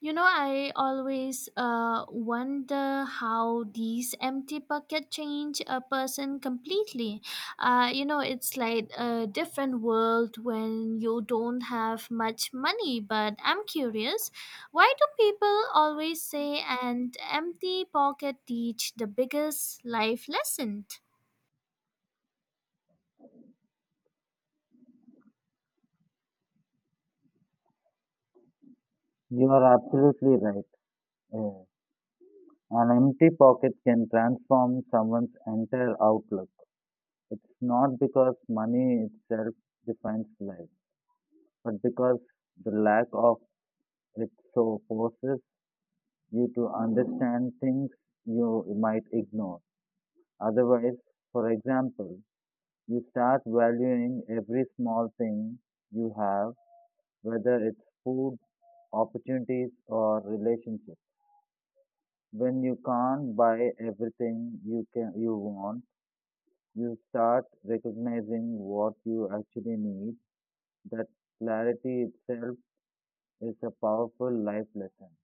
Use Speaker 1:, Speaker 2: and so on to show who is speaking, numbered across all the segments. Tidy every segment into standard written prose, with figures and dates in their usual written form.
Speaker 1: You know, I always wonder how these empty pocket change a person completely. You know, it's like a different world when you don't have much money. But I'm curious, why do people always say an empty pocket teach the biggest life lesson?
Speaker 2: You are absolutely right. Yeah. An empty pocket can transform someone's entire outlook. It's not because money itself defines life, but because the lack of it so forces you to understand things you might ignore. Otherwise, for example, you start valuing every small thing you have, whether it's food, opportunities, or relationships. When you can't buy everything you want, you start recognizing what you actually need. That clarity itself is a powerful life lesson.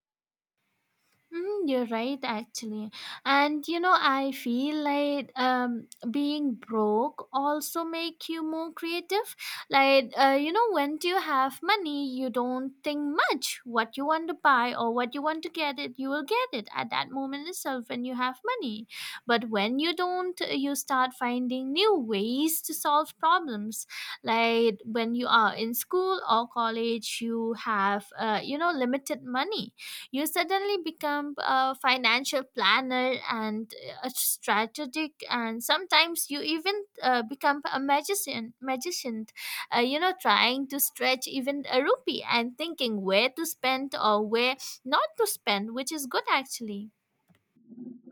Speaker 1: You're right, actually. And you know, I feel like being broke also make you more creative. Like, you know, when you have money, you don't think much what you want to buy or what you want to get it, you will get it at that moment itself when you have money. But when you don't, you start finding new ways to solve problems. Like when you are in school or college, you have, you know, limited money you suddenly become a financial planner and a strategic, and sometimes you even become a magician. You know, trying to stretch even a rupee and thinking where to spend or where not to spend, which is good actually.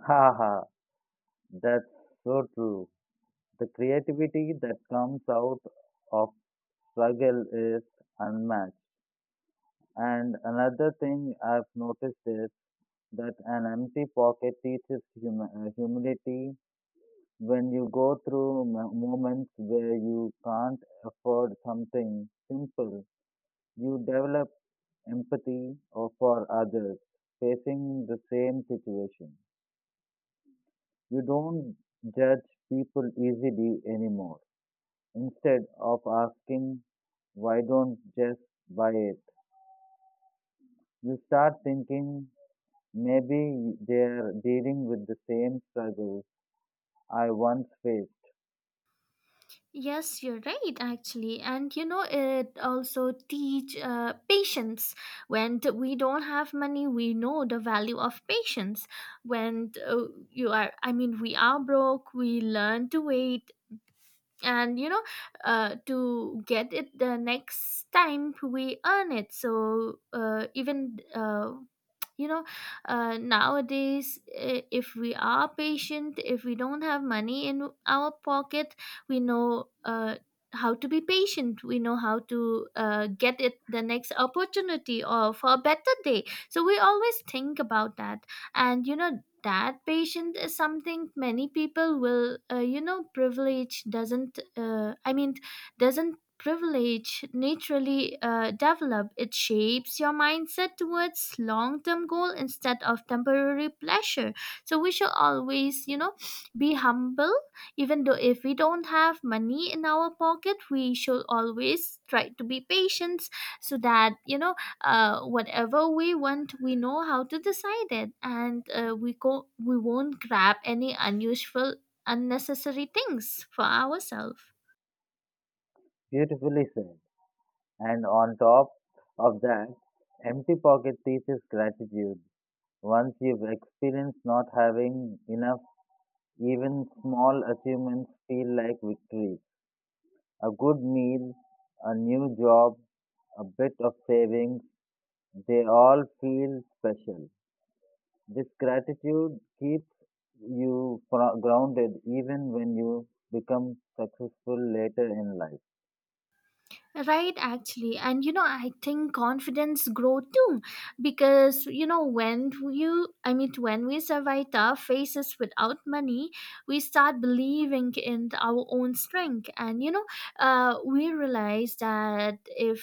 Speaker 2: Haha, that's so true. The creativity that comes out of struggle is unmatched. And another thing I've noticed is that an empty pocket teaches humility. When you go through moments where you can't afford something simple, you develop empathy or for others facing the same situation. You don't judge people easily anymore. Instead of asking, why don't just buy it? You start thinking, maybe they're dealing with the same struggles I once faced.
Speaker 1: Yes, you're right, actually. And you know, it also teach patience. When we don't have money, we know the value of patience. When you are, I mean, we are broke, we learn to wait, and you know, to get it the next time we earn it. So even you know, nowadays, if we are patient, if we don't have money in our pocket, we know how to be patient, we know how to get it the next opportunity or for a better day, so we always think about that. And you know, that patient is something many people will you know, privilege doesn't I mean, doesn't privilege naturally develop. It shapes your mindset towards long-term goal instead of temporary pleasure. So we should always, you know, be humble. Even though if we don't have money in our pocket, we should always try to be patient, so that you know, whatever we want, we know how to decide it. And we go, we won't grab any unusual unnecessary things for ourselves.
Speaker 2: Beautifully said. And on top of that, empty pocket teaches gratitude. Once you've experienced not having enough, even small achievements feel like victories. A good meal, a new job, a bit of savings, they all feel special. This gratitude keeps you grounded even when you become successful later in life.
Speaker 1: Right, actually. And you know, I think confidence grow too, because you know, when you, I mean, when we survive tough phases without money, we start believing in our own strength. And you know, we realize that if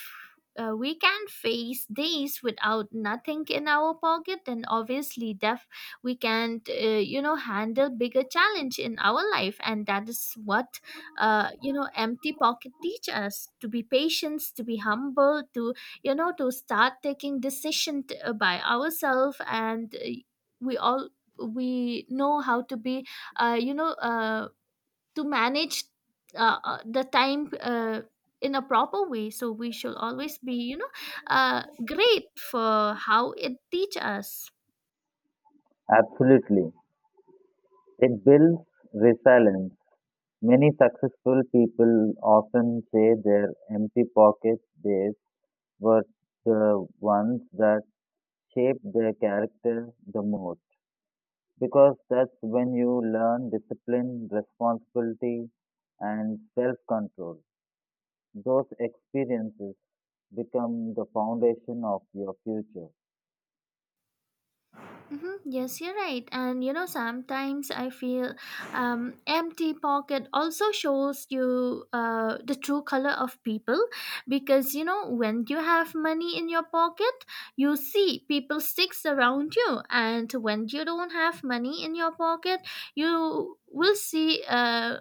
Speaker 1: we can face days without nothing in our pocket, then obviously def we can you know, handle bigger challenge in our life. And that is what, you know, empty pocket teach us: to be patient, to be humble, to you know, to start taking decision by ourselves. And we all, we know how to be you know, to manage the time in a proper way. So we should always be, you know, great for how it teach us.
Speaker 2: Absolutely. It builds resilience. Many successful people often say their empty pocket days were the ones that shaped their character the most because that's when you learn discipline, responsibility, and self control. Those experiences become the foundation of your future.
Speaker 1: Hmm. Yes, you're right. And you know, sometimes I feel empty pocket also shows you the true color of people. Because you know, when you have money in your pocket, you see people sticks around you, and when you don't have money in your pocket, you will see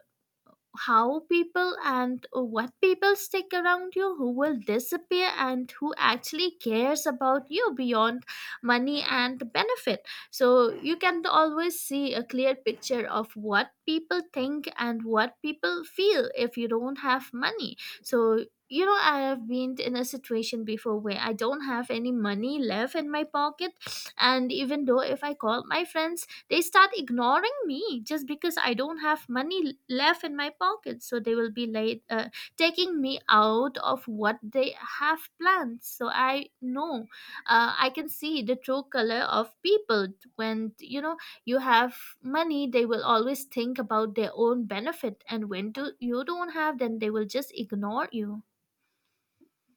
Speaker 1: how people and what people stick around you, who will disappear, and who actually cares about you beyond money and benefit. So you can always see a clear picture of what people think and what people feel if you don't have money. So you know, I have been in a situation before where I don't have any money left in my pocket, and even though if I call my friends, they start ignoring me just because I don't have money left in my pocket. So they will be late taking me out of what they have planned. So I know I can see the true color of people. When you know, you have money, they will always think about their own benefit, and when do you don't have, then they will just ignore you.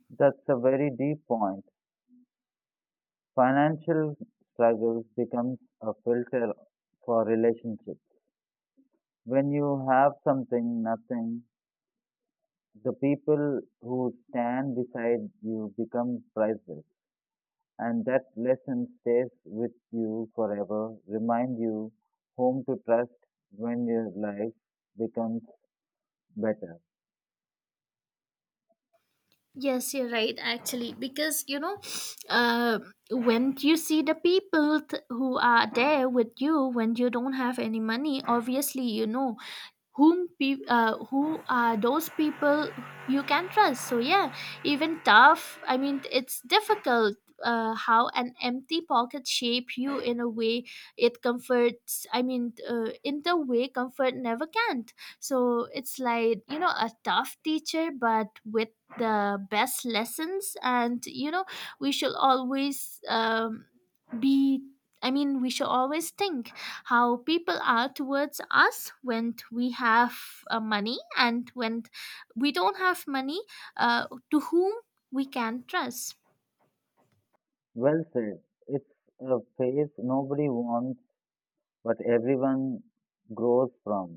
Speaker 2: That's a very deep point. Financial struggles becomes a filter for relationships. When you have something, nothing, the people who stand beside you become priceless, and that lesson stays with you forever, remind you whom to trust when your life becomes better.
Speaker 1: Yes, you're right, actually, because you know, uh, when you see the people who are there with you when you don't have any money, obviously, you know, who are those people you can trust. So yeah, even tough, I mean, it's difficult how an empty pocket shape you in a way it comforts, I mean, in the way comfort never can not. So it's like, you know, a tough teacher but with the best lessons. And you know, we shall always be, I mean, we should always think how people are towards us when we have money, and when we don't have money, to whom we can trust.
Speaker 2: Well said. It's a phase nobody wants but everyone grows from,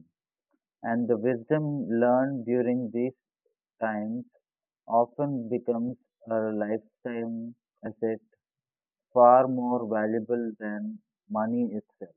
Speaker 2: and the wisdom learned during these times often becomes a lifetime asset far more valuable than money itself.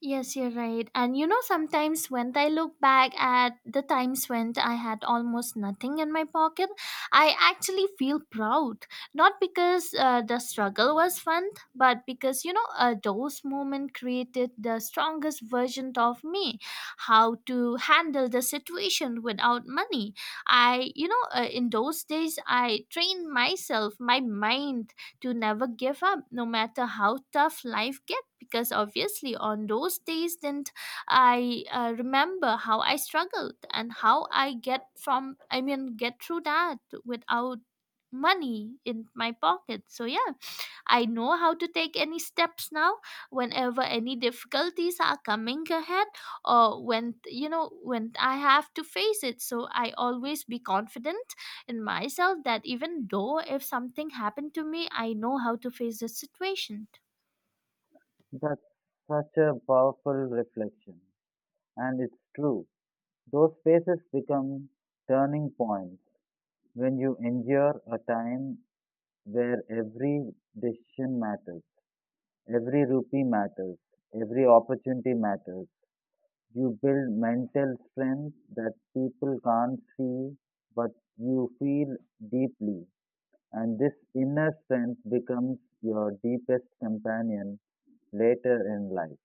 Speaker 1: Yes, you're right. And you know, sometimes when I look back at the times when I had almost nothing in my pocket, I actually feel proud. Not because the struggle was fun, but because, you know, those moments created the strongest version of me. How to handle the situation without money. I, you know, in those days, I trained myself, my mind, to never give up no matter how tough life gets. Because obviously on those days, then I remember how I struggled and how I get from, I mean, get through that without money in my pocket. So yeah, I know how to take any steps now whenever any difficulties are coming ahead, or when you know, when I have to face it. So I always be confident in myself that even though if something happened to me, I know how to face the situation.
Speaker 2: That's such a powerful reflection. And it's true. Those phases become turning points when you endure a time where every decision matters, every rupee matters, every opportunity matters. You build mental strength that people can't see, but you feel deeply. And this inner strength becomes your deepest companion later in life.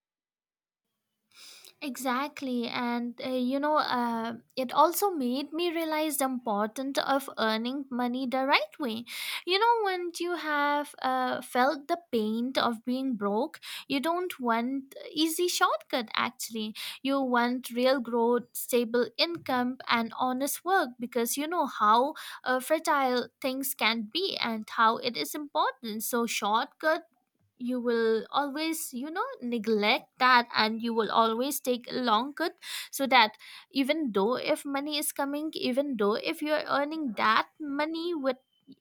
Speaker 1: Exactly. And you know, it also made me realize the importance of earning money the right way. You know, when you have felt the pain of being broke, you don't want easy shortcut. Actually, you want real growth, stable income, and honest work, because you know how fragile things can be and how it is important. So, shortcut, you will always, you know, neglect that, and you will always take a long cut, so that even though if money is coming, even though if you're earning that money with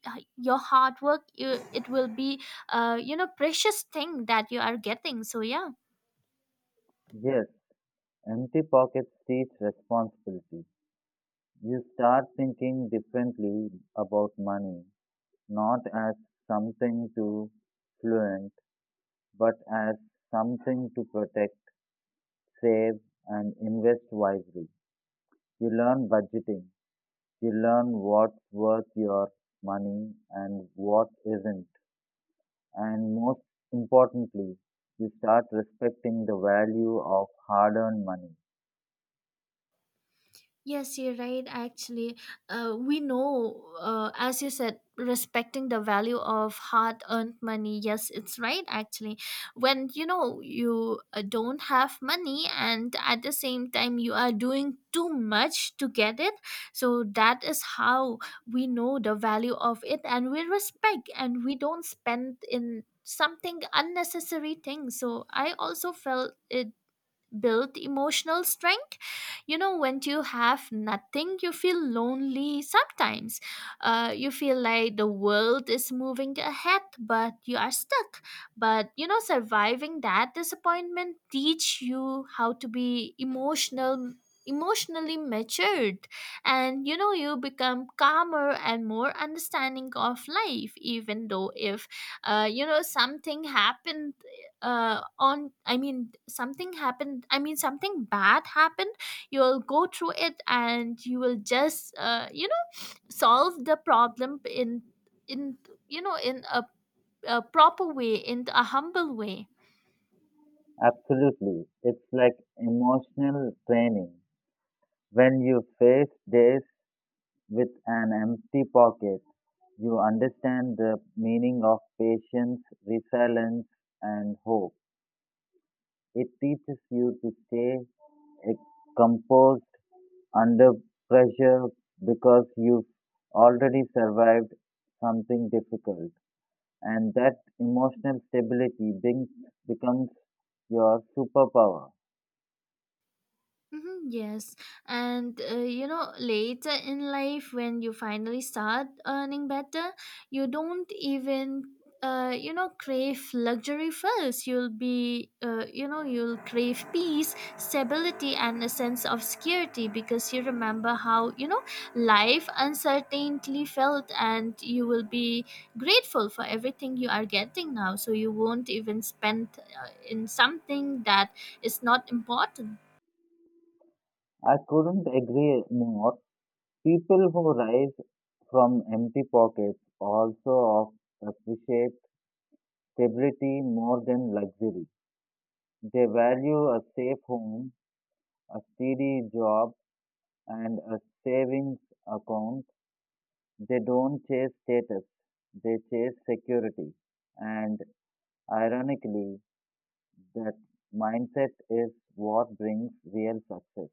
Speaker 1: your hard work, you, it will be you know, precious thing that you are getting. So yeah.
Speaker 2: Yes, empty pockets teach responsibility. You start thinking differently about money, not as something to fluent, but as something to protect, save, and invest wisely. You learn budgeting. You learn what's worth your money and what isn't. And most importantly, you start respecting the value of hard earned money.
Speaker 1: Yes, you're right. Actually, we know, as you said, respecting the value of hard earned money. Yes, it's right. Actually, when you know, you don't have money, and at the same time you are doing too much to get it, so that is how we know the value of it, and we respect, and we don't spend in something unnecessary thing. So I also felt it build emotional strength. You know, when you have nothing, you feel lonely sometimes. You feel like the world is moving ahead but you are stuck. But you know, surviving that disappointment teach you how to be emotionally matured. And you know, you become calmer and more understanding of life. Even though if you know, something happened on I mean, something happened, I mean, something bad happened, you'll go through it and you will just you know, solve the problem in you know, a proper way, in a humble way.
Speaker 2: Absolutely. It's like emotional training. When you face days with an empty pocket, you understand the meaning of patience, resilience, and hope. It teaches you to stay eh, composed under pressure because you've already survived something difficult. And that emotional stability becomes your superpower.
Speaker 1: Mhm. Yes, and you know, later in life, when you finally start earning better, you don't even, you know, crave luxury first. You'll be, you know, you'll crave peace, stability, and a sense of security, because you remember how, you know, life uncertainly felt, and you will be grateful for everything you are getting now. So you won't even spend in something that is not important.
Speaker 2: I couldn't agree more. People who rise from empty pockets also appreciate stability more than luxury. They value a safe home, a steady job, and a savings account. They don't chase status, they chase security. And ironically, that mindset is what brings real success.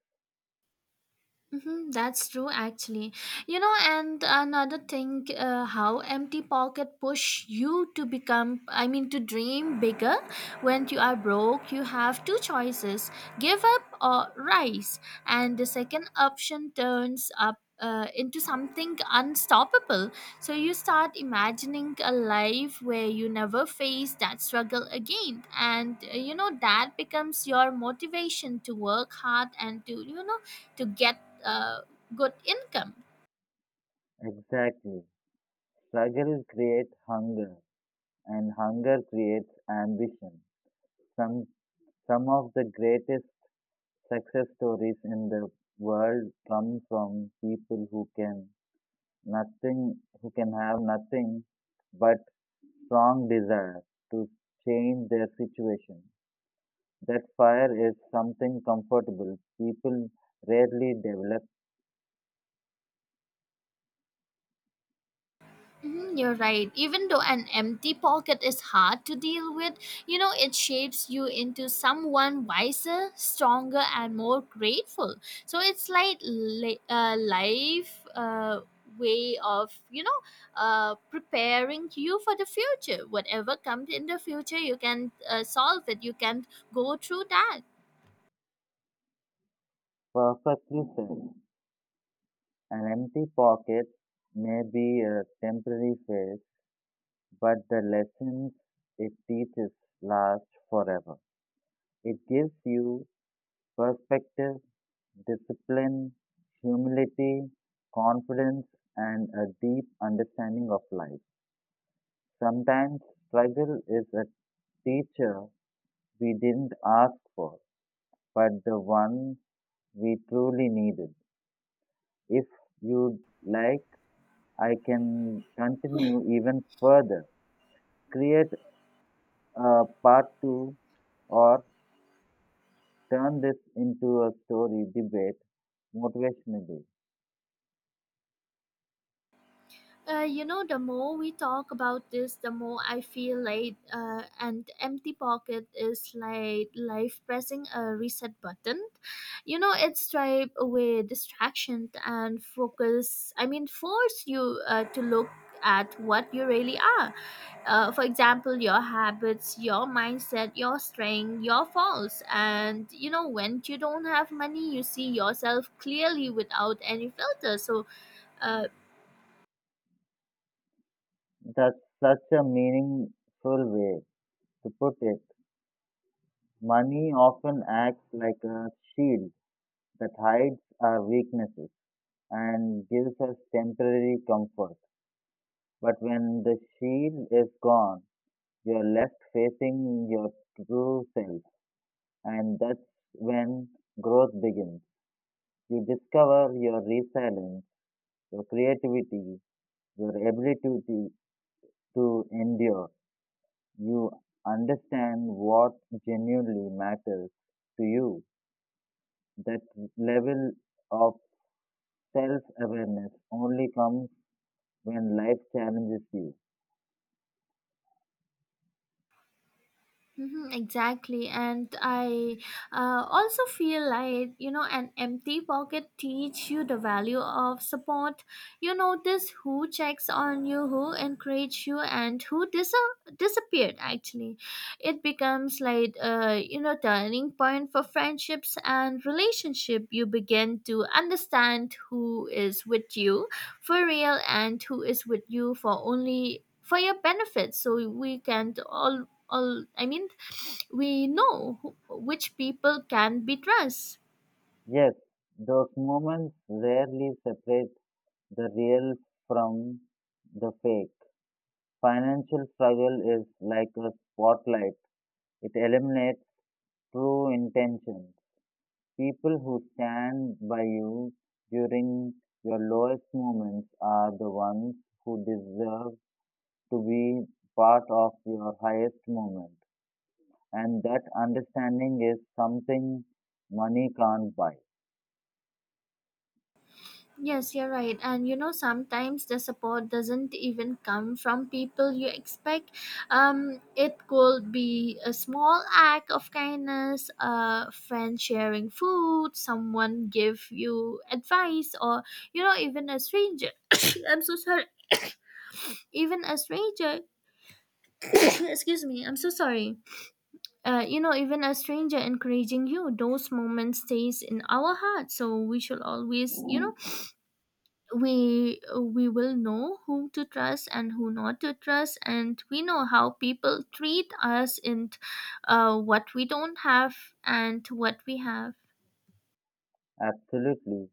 Speaker 1: Mm-hmm, that's true, actually. You know, and another thing, how empty pocket push you to become, I mean, to dream bigger. When you are broke, you have two choices: give up or rise. And the second option turns up. Into something unstoppable. So you start imagining a life where you never face that struggle again. And you know, that becomes your motivation to work hard and to, you know, to get uh, good income.
Speaker 2: Exactly. Struggle creates hunger and hunger creates ambition. Some, some of the greatest success stories in the world come from people who can nothing, who can have nothing but strong desire to change their situation. That fire is something comfortable. People rarely develop.
Speaker 1: Mhm. You're right. Even though an empty pocket is hard to deal with, you know, it shapes you into someone wiser, stronger, and more grateful. So it's like life way of, you know, preparing you for the future. Whatever comes in the future, you can solve it. You can go through that.
Speaker 2: Perfectly said. An empty pocket may be a temporary phase but the lessons it teaches last forever. It gives you perspective, discipline, humility, confidence, and a deep understanding of life. Sometimes struggle is a teacher we didn't ask for, but the one we truly needed. If you'd like, I can continue even further. Create a part two or turn this into a story debate motivationally.
Speaker 1: You know, the more we talk about this, the more I feel like an empty pocket is like life pressing a reset button. You know, it stripe away distraction and focus. I mean, force you to look at what you really are. For example, your habits, your mindset, your strength, your faults. And you know, when you don't have money, you see yourself clearly without any filter. So. Uh,
Speaker 2: That's such a meaningful way to put it. Money often acts like a shield that hides our weaknesses and gives us temporary comfort. But when the shield is gone, you're left facing your true self, and that's when growth begins. You discover your resilience, your creativity, your ability to endure. You understand what genuinely matters to you. That level of self awareness only comes when life challenges you.
Speaker 1: Mm-hmm, exactly, and I also feel like an empty pocket teach you the value of support. You notice who checks on you, who encourage you, and who disappeared. Actually, it becomes like turning point for friendships and relationship. You begin to understand who is with you for real and who is with you for only for your benefit. So we can all, I mean, we know who, which people can be trust.
Speaker 2: Yes, those moments rarely separate the real from the fake. Financial struggle is like a spotlight, it eliminates true intention. People who stand by you during your lowest moments are the ones who deserve to be part of your highest moment. And that understanding is something money can't buy.
Speaker 1: Yes, you're right, and sometimes the support doesn't even come from people you expect. It could be a small act of kindness, a friend sharing food, someone give you advice, or even a stranger. I'm so sorry. Even a stranger. Excuse me, I'm so sorry. Even a stranger encouraging you, those moments stays in our heart, so we should always. We will know whom to trust and who not to trust, and we know how people treat us, and what we don't have and what we have.
Speaker 2: Absolutely.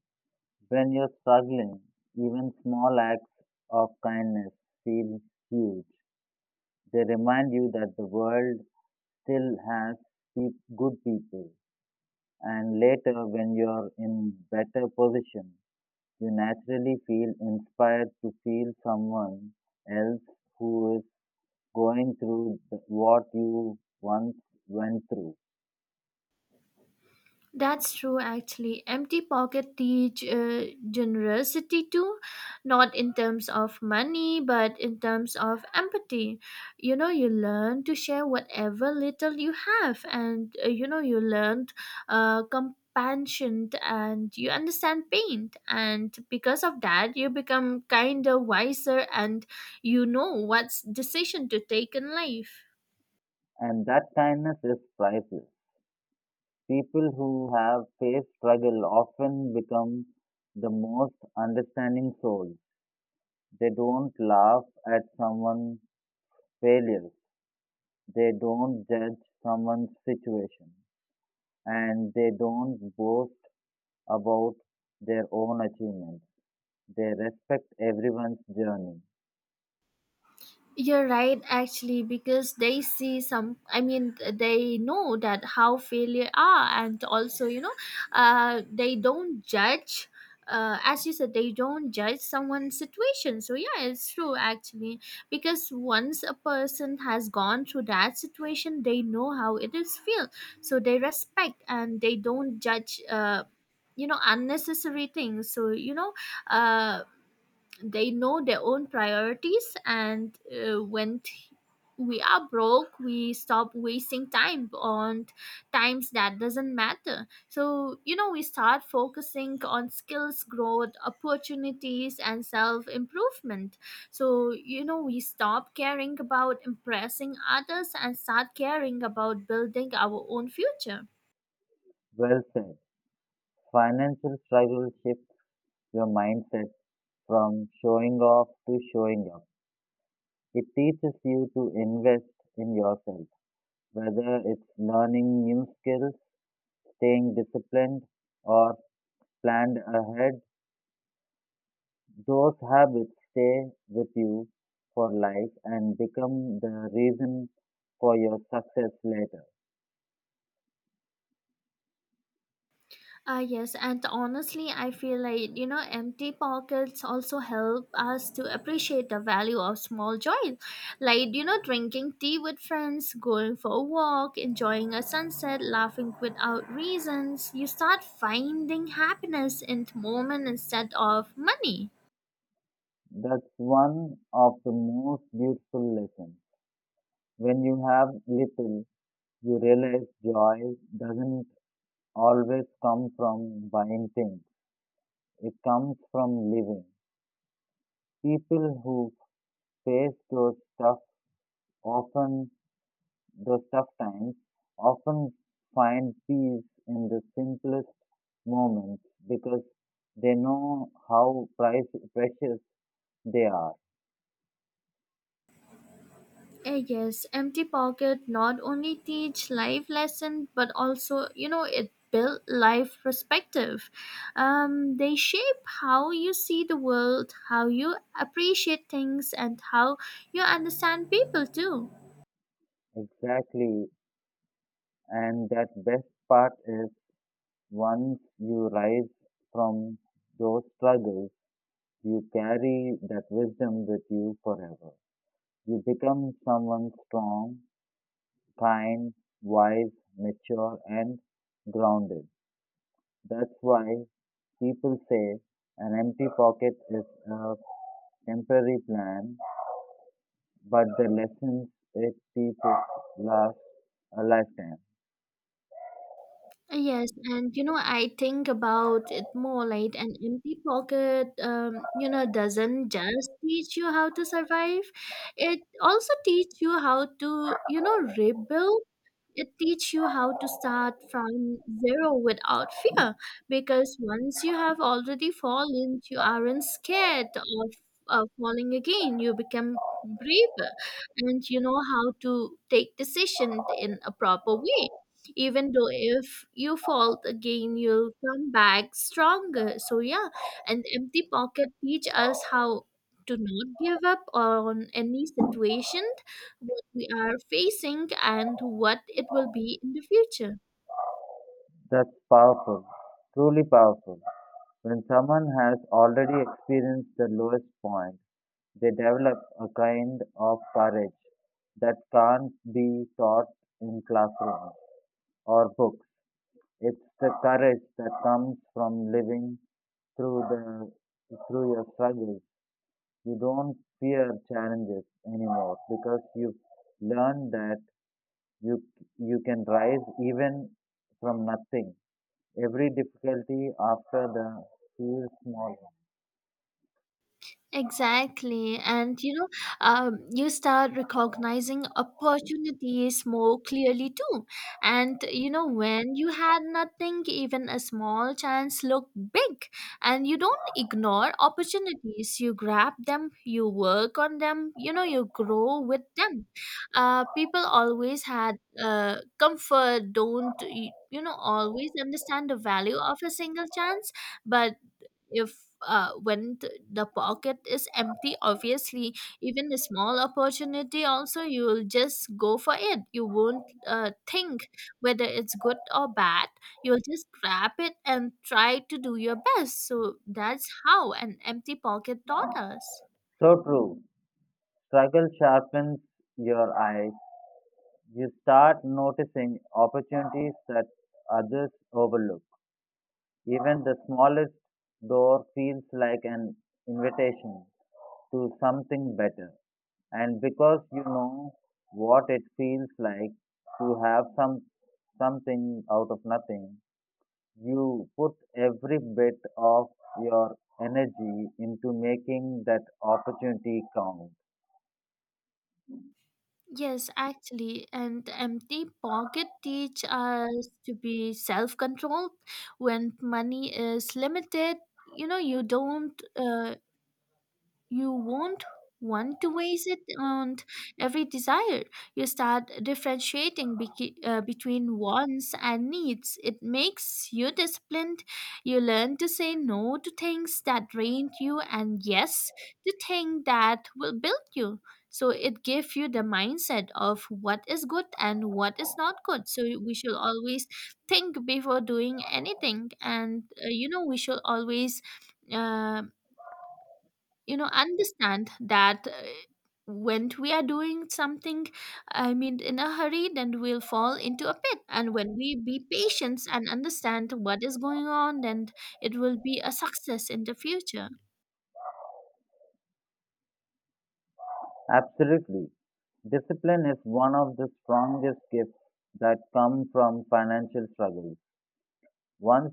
Speaker 2: When you're struggling, even small acts of kindness feel huge. They remind you that the world still has good people. And later, when you're in better position, you naturally feel inspired to feel someone else who is going through what you once went through.
Speaker 1: That's true, actually. Empty pocket teach generosity too, not in terms of money, but in terms of empathy. You learn to share whatever little you have, and you learn compassion and you understand pain. And because of that, you become kinder, wiser, and you know what's decision to take in life.
Speaker 2: And that kindness is priceless. People who have faced struggle often become the most understanding souls. They don't laugh at someone's failures. They don't judge someone's situation. And they don't boast about their own achievements. They respect everyone's journey.
Speaker 1: You're right, actually, because they see some, I mean, they know that how failure are, and also, they don't judge. As you said, they don't judge someone's situation. So, yeah, it's true actually. Because once a person has gone through that situation, they know how it is feel. So, they respect and they don't judge, unnecessary things. So, uh, they know their own priorities, and we are broke, we stop wasting time on times that doesn't matter, so we start focusing on skills growth opportunities and self improvement, so we stop caring about impressing others and start caring about building our own future.
Speaker 2: Well said. Financial struggle shifts your mindset from showing off to showing up. It teaches you to invest in yourself, whether it's learning new skills, staying disciplined, or planned ahead. Those habits stay with you for life and become the reason for your success later.
Speaker 1: Yes, and honestly, I feel like empty pockets also help us to appreciate the value of small joys, like drinking tea with friends, going for a walk, enjoying a sunset, laughing without reasons. You start finding happiness in the moment instead of money.
Speaker 2: That's one of the most beautiful lessons. When you have little, you realize joy doesn't always come from buying things. It comes from living. People who face tough often those tough times often find peace in the simplest moments because they know how precious they are.
Speaker 1: Yes, empty pocket not only teach life lesson but also it build life perspective. They shape how you see the world, how you appreciate things, and how you understand people too.
Speaker 2: Exactly. And that best part is once you rise from those struggles, you carry that wisdom with you forever. You become someone strong, kind, wise, mature, and grounded. That's why people say an empty pocket is a temporary plan, but the lessons it teaches last a lifetime.
Speaker 1: Yes, and I think about it more like an empty pocket. Doesn't just teach you how to survive; it also teach you how to rebuild. It teach you how to start from zero without fear, because once you have already fallen you aren't scared of falling again. You become braver, and you know how to take decision in a proper way. Even though if you fall again, you'll come back stronger. So yeah, and empty pocket teach us how to not give up on any situation we are facing, and what it will be in the future.
Speaker 2: That's powerful, truly powerful. When someone has already experienced the lowest point, they develop a kind of courage that can't be taught in classrooms or books. It's the courage that comes from living through the through your struggles. You don't fear challenges anymore because you've learned that you you can rise even from nothing. Every difficulty after the feels small.
Speaker 1: Exactly. And you start recognizing opportunities more clearly too. And when you had nothing, even a small chance looked big. And you don't ignore opportunities, you grab them, you work on them, you grow with them. People always had comfort, don't y- you know, always understand the value of a single chance, but if when th- the pocket is empty, obviously even a small opportunity also you will just go for it. You won't think whether it's good or bad. You'll just grab it and try to do your best. So that's how an empty pocket taught us.
Speaker 2: So true. Struggle sharpens your eyes. You start noticing opportunities that others overlook. Even the smallest door feels like an invitation to something better. And because you know what it feels like to have something out of nothing, you put every bit of your energy into making that opportunity count.
Speaker 1: Yes, actually, and empty pocket teach us to be self-controlled when money is limited. You know, you don't uh, you won't want to waste it on every desire. You start differentiating between wants and needs. It makes you disciplined. You learn to say no to things that drain you and yes to things that will build you. So it gives you the mindset of what is good and what is not good. So we should always think before doing anything, and we should always. Um, Understand that when we are doing something, I mean, in a hurry, then we'll fall into a pit. And when we be patient and understand what is going on, then it will be a success in the future.
Speaker 2: Absolutely. Discipline is one of the strongest gifts that come from financial struggles. Once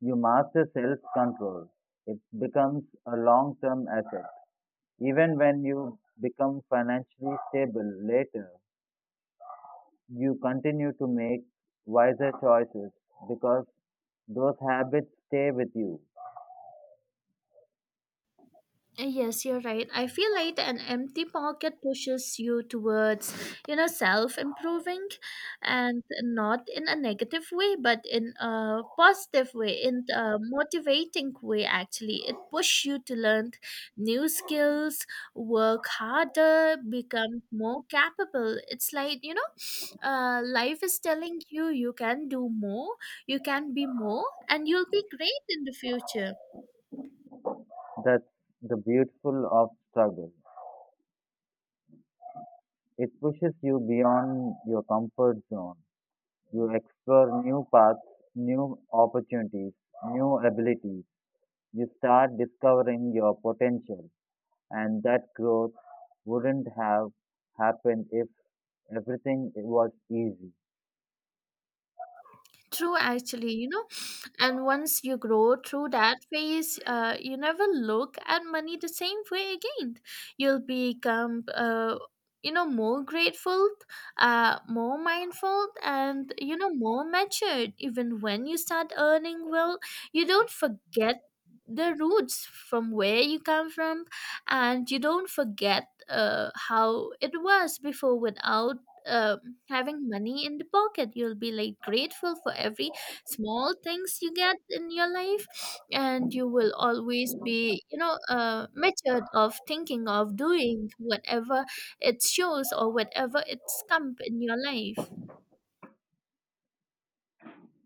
Speaker 2: you master self control, it becomes a long term asset. Even when you become financially stable later, you continue to make wiser choices because those habits stay with you.
Speaker 1: Yes, you're right. I feel like an empty pocket pushes you towards, self improving, and not in a negative way, but in a positive way, in a motivating way, actually. It pushes you to learn new skills, work harder, become more capable. It's like, life is telling you you can do more, you can be more, and you'll be great in the future.
Speaker 2: That's the beautiful of struggle. It pushes you beyond your comfort zone. You explore new paths, new opportunities, new abilities. You start discovering your potential, and that growth wouldn't have happened if everything was easy.
Speaker 1: True, actually, and once you grow through that phase, you never look at money the same way again. You'll become, more grateful, more mindful, and more matured. Even when you start earning well, you don't forget the roots from where you come from, and you don't forget how it was before without. Uh, Having money in the pocket, you'll be like grateful for every small things you get in your life, and you will always be matured of thinking of doing whatever it shows or whatever it's come in your life.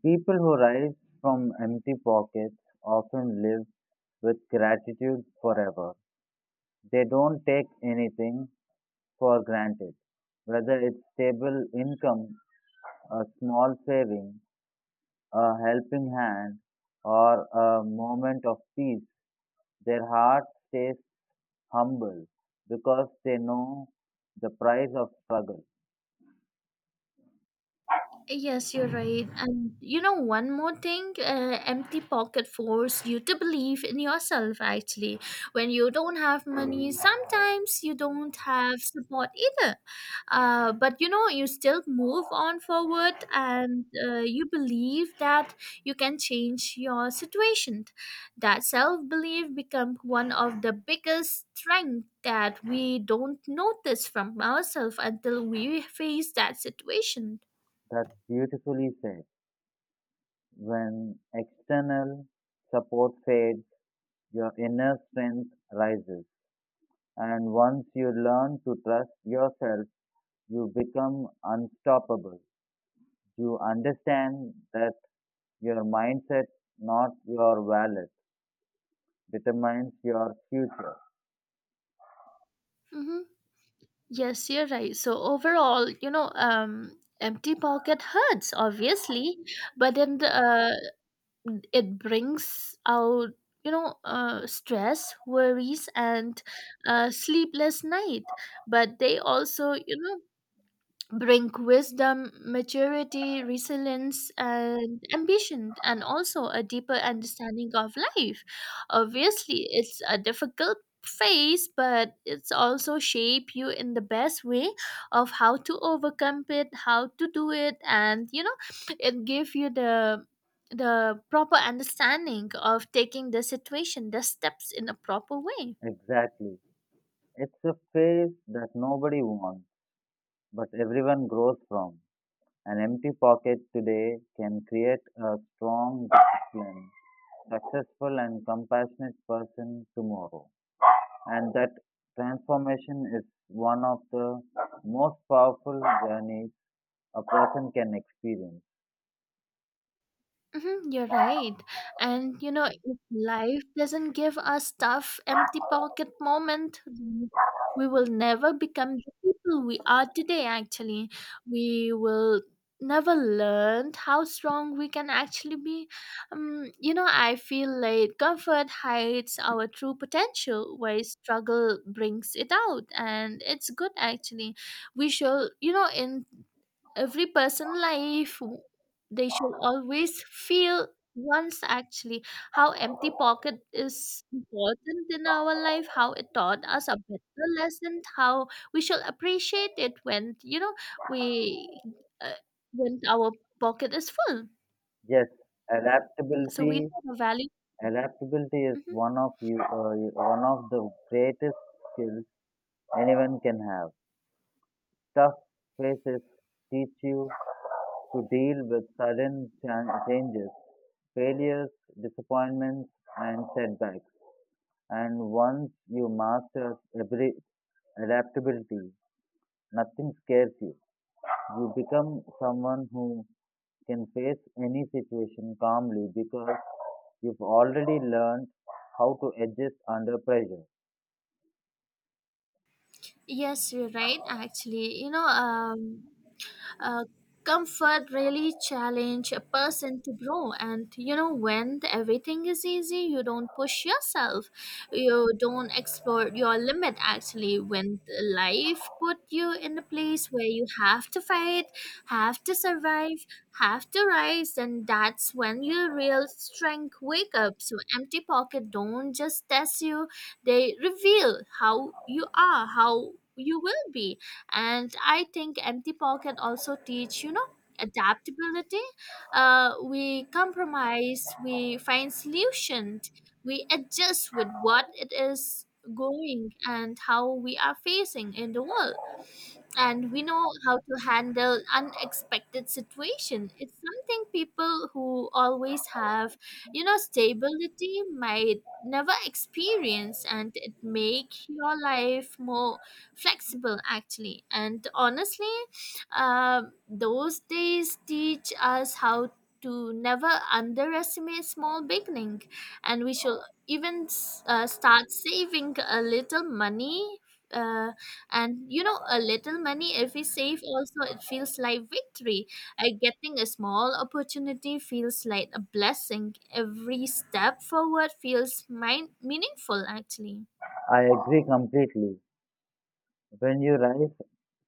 Speaker 2: People who rise from empty pockets often live with gratitude forever. They don't take anything for granted, whether it's stable income, a small saving, a helping hand, or a moment of peace, their heart stays humble because they know the price of struggle.
Speaker 1: Yes, you're right. And one more thing, empty pocket force you to believe in yourself actually. When you don't have money, sometimes you don't have support either. But you still move on forward, and you believe that you can change your situation. That self belief become one of the biggest strength that we don't notice from ourselves until we face that situation.
Speaker 2: That's beautifully said. When external support fades, your inner strength rises. And once you learn to trust yourself, you become unstoppable. You understand that your mindset, not your wallet, determines your future.
Speaker 1: Mhm. Yes, you're right. So overall, empty pocket hurts, obviously, but then it brings out, stress, worries, and sleepless night. But they also, you bring wisdom, maturity, resilience, and ambition, and also a deeper understanding of life. Obviously, it's a difficult phase, but it's also shape you in the best way of how to overcome it, how to do it, and it give you the proper understanding of taking the situation, the steps in a proper way.
Speaker 2: Exactly. It's a phase that nobody wants, but everyone grows from. An empty pocket today can create a strong, disciplined, successful, and compassionate person tomorrow. And that transformation is one of the most powerful journeys a person can experience.
Speaker 1: Mhm, you're right. And if life doesn't give us tough, empty pocket moment, then we will never become the people we are today, actually. We will never learn how strong we can actually be. I feel like comfort hides our true potential, while struggle brings it out. And it's good, actually. We should, in every person life they should always feel once actually how empty pocket is important in our life, how it taught us a better lesson, how we should appreciate it, when you know we uh, when our pocket is full,
Speaker 2: Yes,
Speaker 1: so we
Speaker 2: adaptability.
Speaker 1: know the value.
Speaker 2: Adaptability is
Speaker 1: Mhm.
Speaker 2: one of one of the greatest skills anyone can have. Tough phases teach you to deal with sudden changes, failures, disappointments, and setbacks. And once you master abili- adaptability, nothing scares you. You become someone who can face any situation calmly because you've already learned how to adjust under pressure.
Speaker 1: Yes, you're right, actually, Uh, comfort really challenge a person to grow. And everything is easy, you don't push yourself, you don't explore your limit, actually, when the life put you in a place where you have to fight, have to survive, have to rise. And that's when your real strength wake up. So empty pocket don't just test you, they reveal how you are, how you will be. And I think empty pocket also teach adaptability. We compromise, we find solutions, we adjust with what it is going, and how we are facing in the world. And we know how to handle unexpected situation. It's something people who always have stability might never experience, and it make your life more flexible, actually. And honestly, those days teach us how to never underestimate small beginning, and we should even start saving a little money, uh, and a little money if we save also, it feels like victory. Getting a small opportunity feels like a blessing. Every step forward feels meaningful, actually.
Speaker 2: I agree completely. When you rise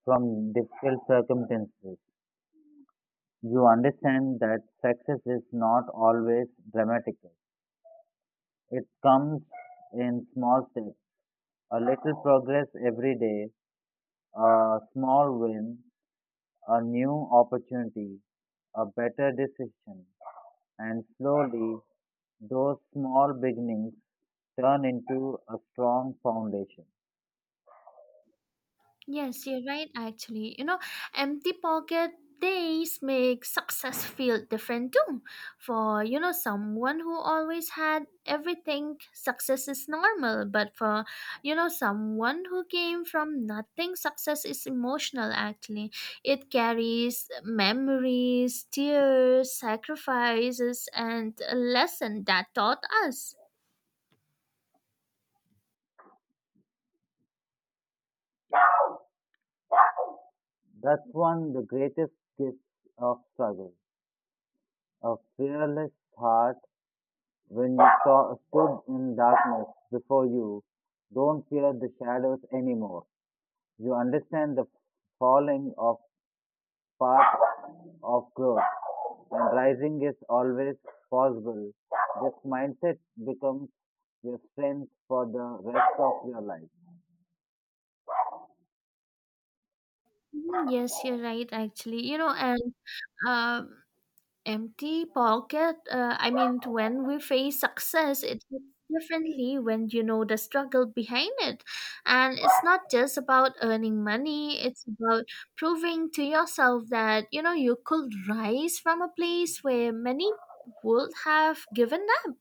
Speaker 2: from difficult circumstances, you understand that success is not always dramatic. It comes in small steps, a little progress every day, a small win, a new opportunity, a better decision. And slowly, those small beginnings turn into a strong foundation.
Speaker 1: Yes, you're right, actually. Empty pocket days make success feel different too. For, someone who always had everything, success is normal. But for, someone who came from nothing, success is emotional, actually. It carries memories, tears, sacrifices, and a lesson that taught us.
Speaker 2: That's one of the greatest gifts of struggle, a fearless heart. When you saw, stood in darkness before you, don't fear the shadows anymore. You understand the falling of path of growth and rising is always possible. This mindset becomes your strength for the rest of your life.
Speaker 1: Mhm, yes, you're right, actually. And, um, empty pocket I mean, when we face success, it hits differently when you know the struggle behind it. And it's not just about earning money, it's about proving to yourself that you could rise from a place where many would have given up.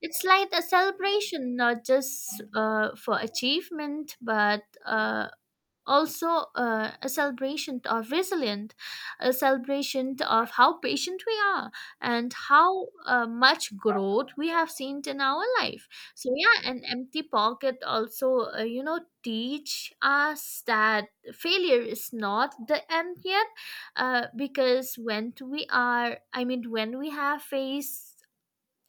Speaker 1: It's like a celebration, not just for achievement, but also a celebration of resilience, a celebration of how patient we are, and how much growth we have seen in our life. So yeah, an empty pocket also teach us that failure is not the end yet, because when I mean, when we have faced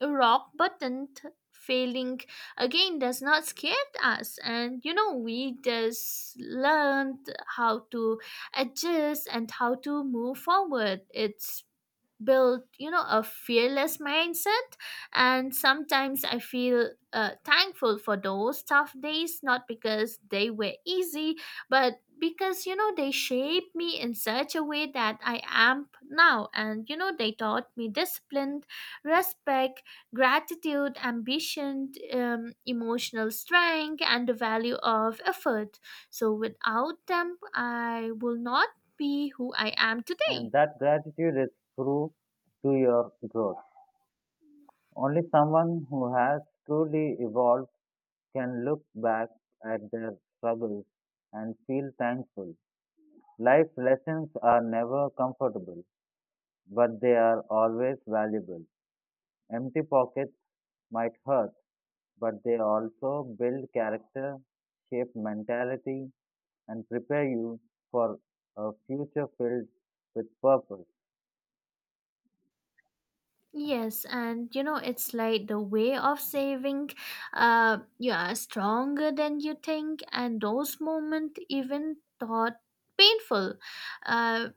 Speaker 1: a rock button failing again does not scare us, and we just learned how to adjust and how to move forward. It's build a fearless mindset. And sometimes I feel thankful for those tough days, not because they were easy, but because they shaped me in such a way that I am now. And they taught me discipline, respect, gratitude, ambition, emotional strength, and the value of effort. So without them, I will not be who I am today.
Speaker 2: And that gratitude is true to your growth. Only someone who has truly evolved can look back at their struggles and feel thankful. Life lessons are never comfortable, but they are always valuable. Empty pockets might hurt, but they also build character, shape mentality, and prepare you for a future filled with purpose.
Speaker 1: Yes, and it's like the way of saving, you are stronger than you think, and those moments, even thought painful, uh,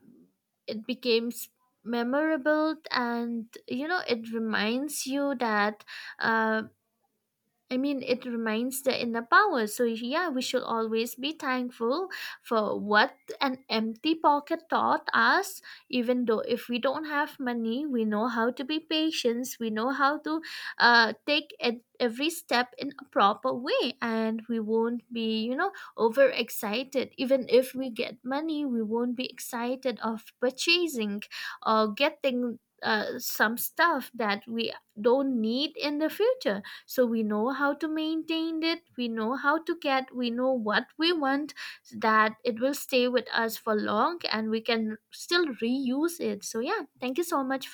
Speaker 1: it becomes memorable, and it reminds you that uh, I mean, it reminds the inner power. So, yeah, we should always be thankful for what an empty pocket taught us. Even though if we don't have money, we know how to be patient, we know how to take every step in a proper way, and we won't be, overexcited. Even if we get money, we won't be excited of purchasing or getting some stuff that we don't need in the future. So we know how to maintain it, we know how to get, we know what we want, so that it will stay with us for long, and we can still reuse it. So yeah, thank you so much for